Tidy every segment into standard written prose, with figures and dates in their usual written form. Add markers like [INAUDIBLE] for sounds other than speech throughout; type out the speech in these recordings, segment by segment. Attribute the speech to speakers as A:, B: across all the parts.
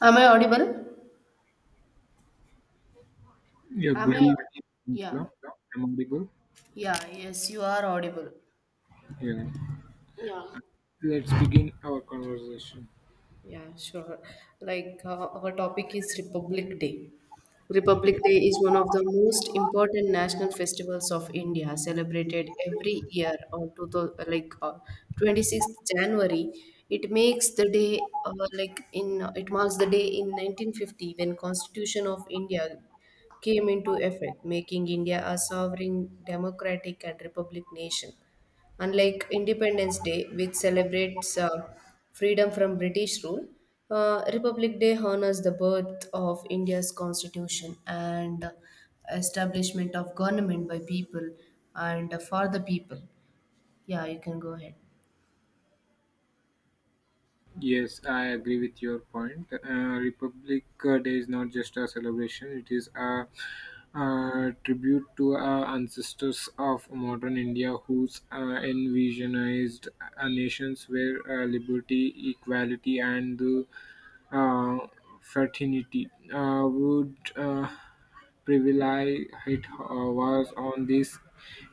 A: Am I audible?
B: Yeah,
A: Am
B: good
A: I?
B: evening,
A: Yeah.
B: Angela. I'm audible.
A: Yeah, yes, you are audible.
B: Yeah.
A: Yeah.
B: Let's begin our conversation.
A: Yeah, sure. Like our topic is Republic Day. Republic
B: Yeah.
A: Day is one of the most important national festivals of India, celebrated every year on two thou- like 26th January. It marks the day in 1950 when Constitution of India came into effect, making India a sovereign, democratic, and republic nation. Unlike Independence Day, which celebrates freedom from British rule, Republic Day honors the birth of India's constitution and establishment of government by people and for the people. Yeah, you can go ahead.
B: Yes, I agree with your point. Republic Day is not just a celebration, it is a, tribute to our ancestors of modern India whose envisionized nations where liberty, equality, and uh, uh, fraternity would. Privilege was on this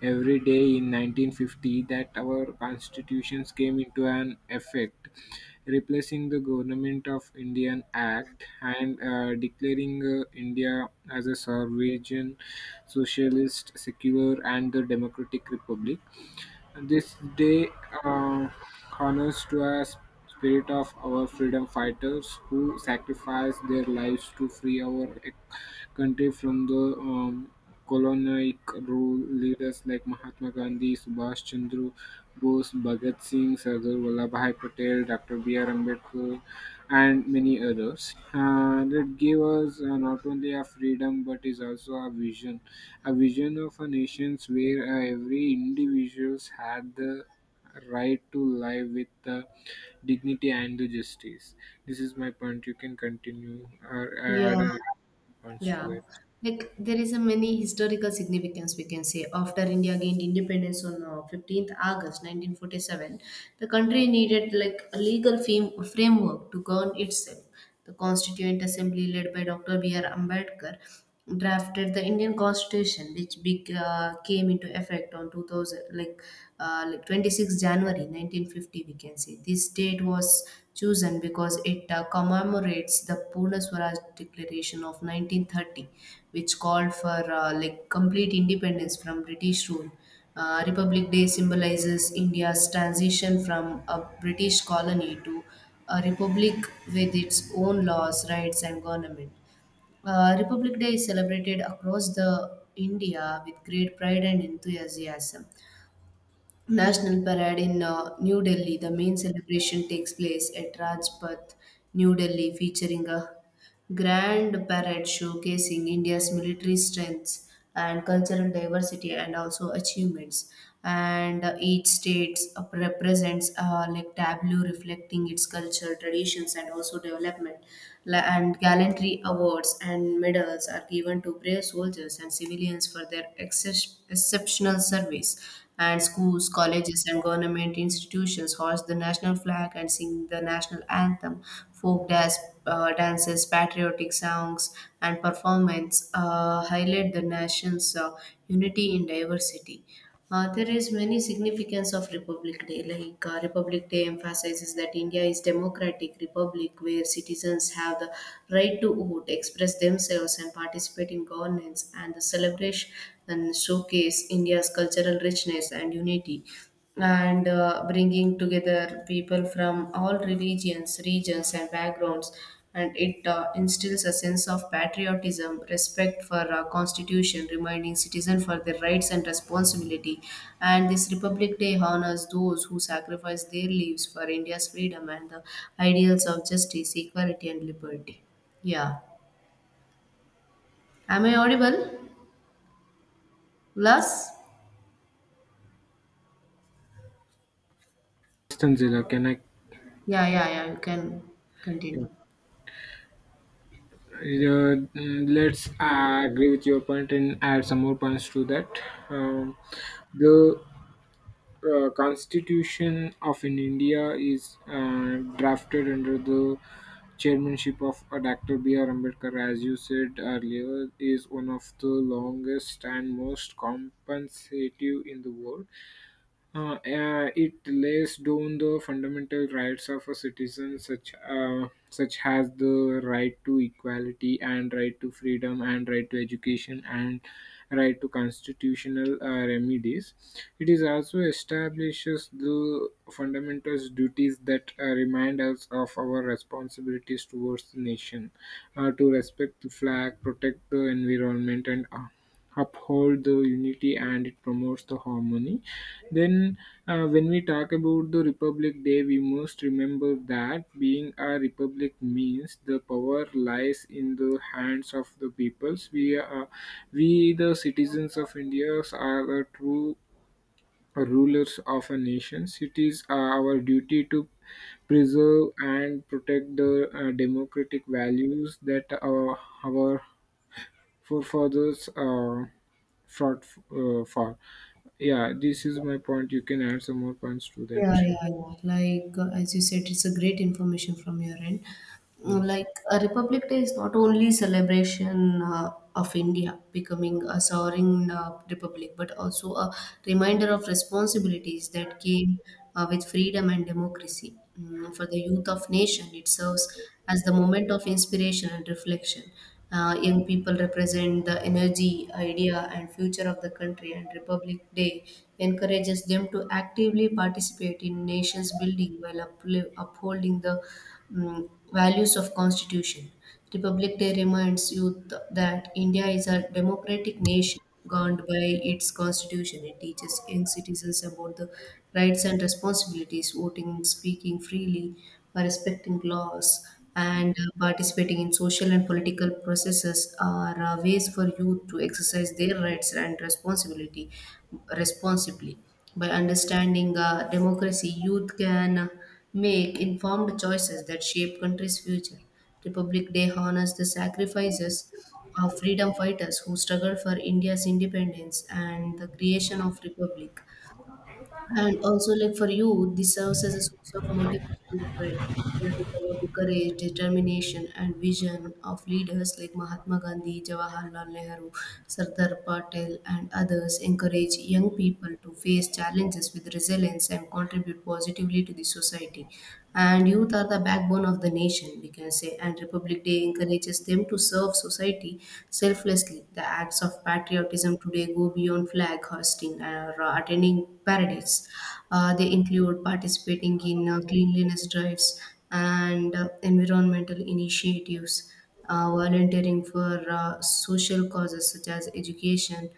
B: every day in 1950, that our constitutions came into an effect, replacing the government of indian act and declaring india as a sovereign, socialist, secular, and the democratic republic. This day uh, honors to us spirit of our freedom fighters who sacrificed their lives to free our country from the colonial rule. Leaders like Mahatma Gandhi, Subhash Chandra Bose, Bhagat Singh, Sardar Vallabhbhai Patel, Dr. B. R. Ambedkar, and many others that gave us not only a freedom but is also a vision, a vision of a nation where every individuals had the right to live with the dignity and the justice. This is my point, you can continue or uh, add
A: Yeah.
B: uh, points to
A: Yeah,
B: that.
A: like there is a many historical significance we can say. After India gained independence on 15th August 1947, the country needed like a legal framework to govern itself. The Constituent Assembly, led by Dr. B.R. Ambedkar, drafted the Indian Constitution, which came into effect on 2000, like, uh, like 26 January 1950, we can say. This date was chosen because it commemorates the Purna Swaraj Declaration of 1930, which called for like complete independence from British rule. Republic Day symbolizes India's transition from a British colony to a republic with its own laws, rights, and government. Republic Day is celebrated across the India with great pride and enthusiasm. National Parade in New Delhi. The main celebration takes place at Rajpath, New Delhi, featuring a grand parade showcasing India's military strengths and cultural diversity and also achievements. And each state represents a like tableau reflecting its culture, traditions, and also development. And gallantry awards and medals are given to brave soldiers and civilians for their exceptional service, and schools, colleges, and government institutions hoist the national flag and sing the national anthem, folk dance, dances, patriotic songs, and performance highlight the nation's unity in diversity. There is many significance of Republic Day. Like Republic Day emphasizes that India is democratic republic where citizens have the right to vote, express themselves, and participate in governance. And the celebration and showcase India's cultural richness and unity and bringing together people from all religions, regions, and backgrounds. And it instills a sense of patriotism, respect for our constitution, reminding citizens for their rights and responsibility. And this Republic Day honors those who sacrifice their lives for India's freedom and the ideals of justice, equality, and liberty. Yeah. Am I audible? Plus?
B: Tanzila, can I?
A: Yeah, yeah, yeah. You can
B: Yeah.
A: continue.
B: Let's agree with your point and add some more points to that. Um, the Constitution of in India is drafted under the chairmanship of Dr. B.R. Ambedkar, as you said earlier, is one of the longest and most compensative in the world. It lays down the fundamental rights of a citizen, such as the right to equality and right to freedom and right to education and right to constitutional remedies. It is also establishes the fundamental duties that remind us of our responsibilities towards the nation, to respect the flag, protect the environment, and uphold the unity, and it promotes the harmony. Then when we talk about the republic day, we must remember that being a republic means the power lies in the hands of the peoples. We are, we the citizens of india, are the true rulers of a nation. It is our duty to preserve and protect the democratic values that our forefathers fraught for. Yeah, this is my point. You can add some more points to that.
A: Yeah, yeah, yeah. Like as you said, it's a great information from your end.
B: Yeah.
A: Like a Republic Day is not only celebration of India becoming a sovereign republic, but also a reminder of responsibilities that came with freedom and democracy. For the youth of nation, it serves as the moment of inspiration and reflection. Young people represent the energy, idea, and future of the country, and Republic Day encourages them to actively participate in nation's building while upholding the values of Constitution. Republic Day reminds youth that India is a democratic nation governed by its constitution. It teaches young citizens about the rights and responsibilities, voting, speaking freely, by respecting laws and participating in social and political processes are ways for youth to exercise their rights and responsibility responsibly. By understanding democracy, youth can make informed choices that shape country's future. Republic Day honors the sacrifices of freedom fighters who struggled for India's independence and the creation of republic. And also, like for you, this serves as a source of motivation to pray. Learning about the courage, determination, and vision of leaders like Mahatma Gandhi, Jawaharlal Nehru, Sardar Patel, and others encourage young people to face challenges with resilience and contribute positively to the society. And youth are the backbone of the nation. We can I say, and Republic Day encourages them to serve society selflessly. The acts of patriotism today go beyond flag hoisting or attending parades. They include participating in cleanliness drives and environmental initiatives, volunteering for social causes such as education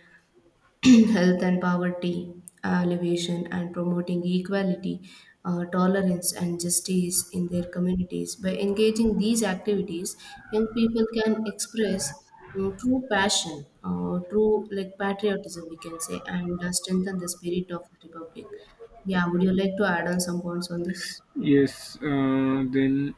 A: [CLEARS THROAT] health and poverty alleviation and promoting equality, tolerance, and justice in their communities. By engaging these activities, young people can express true passion, true like patriotism, we can say, and strengthen the spirit of the republic. Yeah, would you like to add on some points on this?
B: Yes, then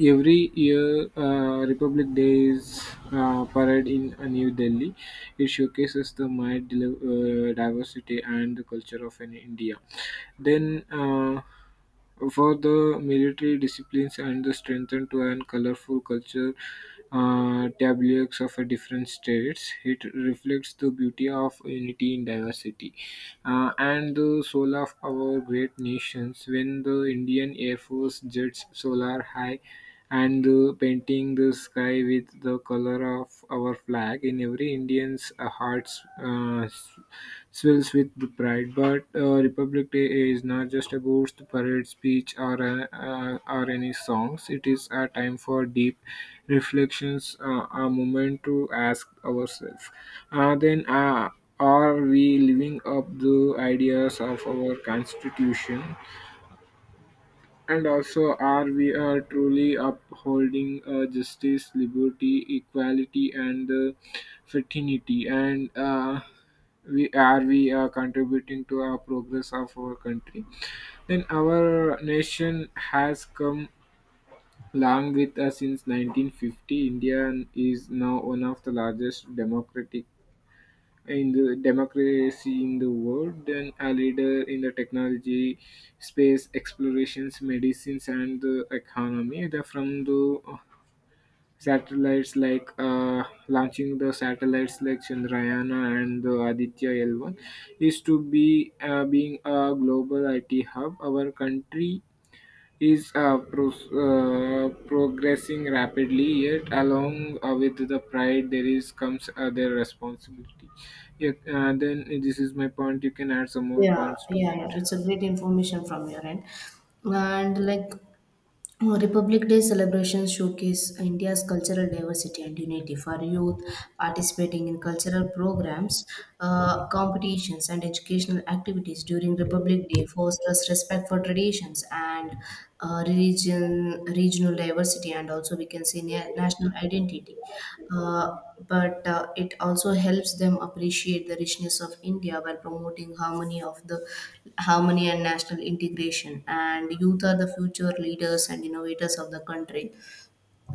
B: every year Republic Day is parade in New Delhi. It showcases the might, diversity, and the culture of an India. Then. For the military disciplines and the strengthened to and colorful culture tableaux of a different states. It reflects the beauty of unity in diversity and the soul of our great nations. When the Indian Air Force jets solar high and painting the sky with the color of our flag in every Indian's hearts. Swells with pride. But Republic Day is not just about the parade speech or any songs. It is a time for deep reflections, a moment to ask ourselves. Uh, then, uh, are we living up the ideas of our constitution, and also, are we truly upholding justice, liberty, equality, and fraternity? And we are we contributing to our progress of our country? Then our nation has come long with us since 1950. India is now one of the largest democratic, in the democracy in the world, then a leader in the technology, space explorations, medicines, and the economy, from the satellites, like launching the satellites like chandrayana and the aditya L1, is to be being a global it hub. Our country is progressing rapidly, yet along with the pride there is comes their responsibility. Yeah, then this is my point, you can add some more
A: Yeah,
B: points to
A: yeah, yeah.
B: it.
A: It's a great information from your end. And like Republic Day celebrations showcase India's cultural diversity and unity for youth participating in cultural programs, competitions, and educational activities during Republic Day fosters respect for traditions and uh, religion, regional diversity and also we can say national identity. Uh, but it also helps them appreciate the richness of India by promoting harmony of the harmony and national integration. And youth are the future leaders and innovators of the country.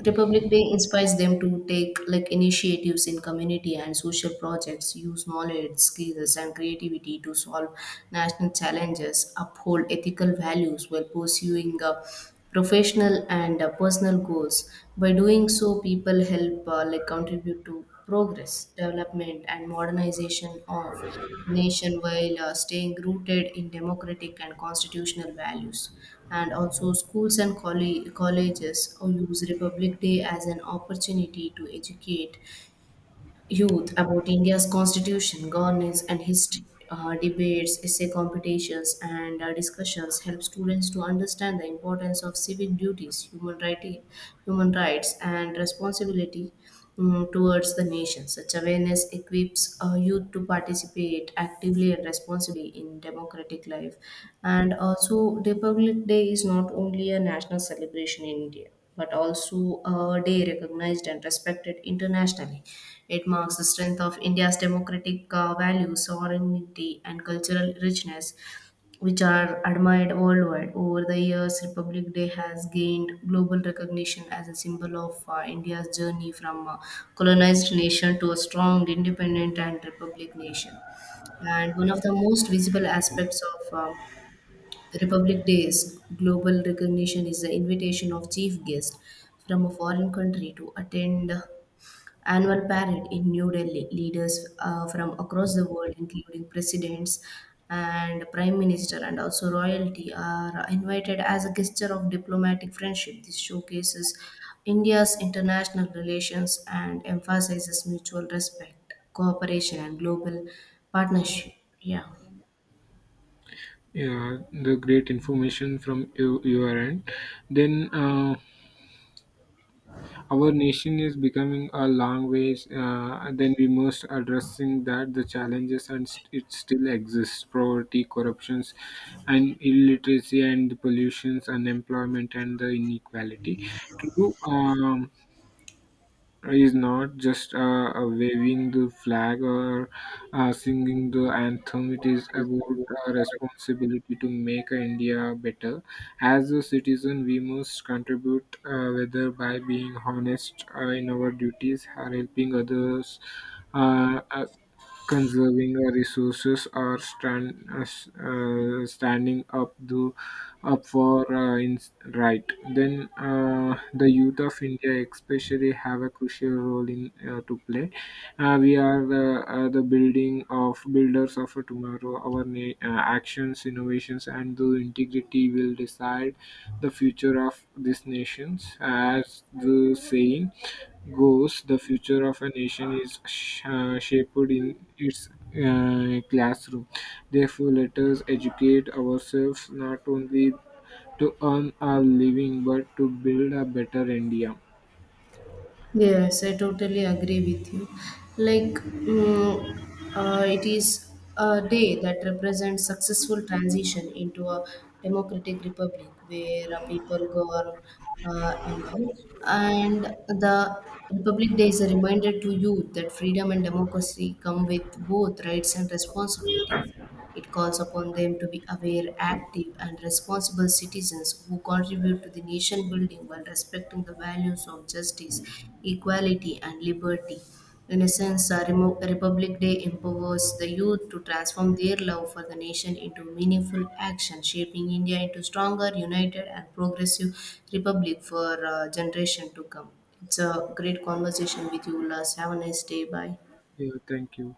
A: Republic Day inspires them to take like initiatives in community and social projects, use knowledge, skills, and creativity to solve national challenges, uphold ethical values while pursuing professional and personal goals. By doing so, people help like contribute to progress, development, and modernization of nation while staying rooted in democratic and constitutional values. And also, schools and colleges use Republic Day as an opportunity to educate youth about India's constitution, governance, and history. Debates, essay competitions, and discussions help students to understand the importance of civic duties, human rights, and responsibility towards the nation. Such awareness equips youth to participate actively and responsibly in democratic life. And also, Republic Day is not only a national celebration in India, but also a day recognized and respected internationally. It marks the strength of India's democratic values, sovereignty, and cultural richness, which are admired worldwide. Over the years, Republic Day has gained global recognition as a symbol of India's journey from a colonized nation to a strong, independent, and republic nation. And one of the most visible aspects of Republic Day's global recognition is the invitation of chief guests from a foreign country to attend annual parade in New Delhi. Leaders from across the world, including presidents and prime minister and also royalty, are invited as a gesture of diplomatic friendship. This showcases India's international relations and emphasizes mutual respect, cooperation, and global partnership. Yeah.
B: Yeah, the great information from you, your end. Then our nation is becoming a long ways than we must addressing that the challenges, and it still exists, poverty, corruptions, and illiteracy, and pollutions, unemployment, and the inequality. True. Is not just waving the flag or singing the anthem. It is about responsibility to make India better. As a citizen, we must contribute, whether by being honest in our duties, or helping others, uh, uh, conserving resources, or stand, s- standing up to up for right. Then the youth of india especially have a crucial role in to play. We are the building of builders of a tomorrow. Our actions, innovations, and the integrity will decide the future of these nations. As the saying goes, the future of a nation is shaped in its classroom. Therefore, let us educate ourselves not only to earn our living but to build a better India.
A: Yes, I totally agree with you. Like, it is a day that represents successful transition into a democratic republic where a people govern and all. And the Republic Day is a reminder to youth that freedom and democracy come with both rights and responsibilities. It calls upon them to be aware, active, and responsible citizens who contribute to the nation building while respecting the values of justice, equality, and liberty. In a sense, Republic Day empowers the youth to transform their love for the nation into meaningful action, shaping India into stronger, united, and progressive republic for generation to come. It's a great conversation with you, Ulas. Have a nice day. Bye.
B: Yeah, thank you.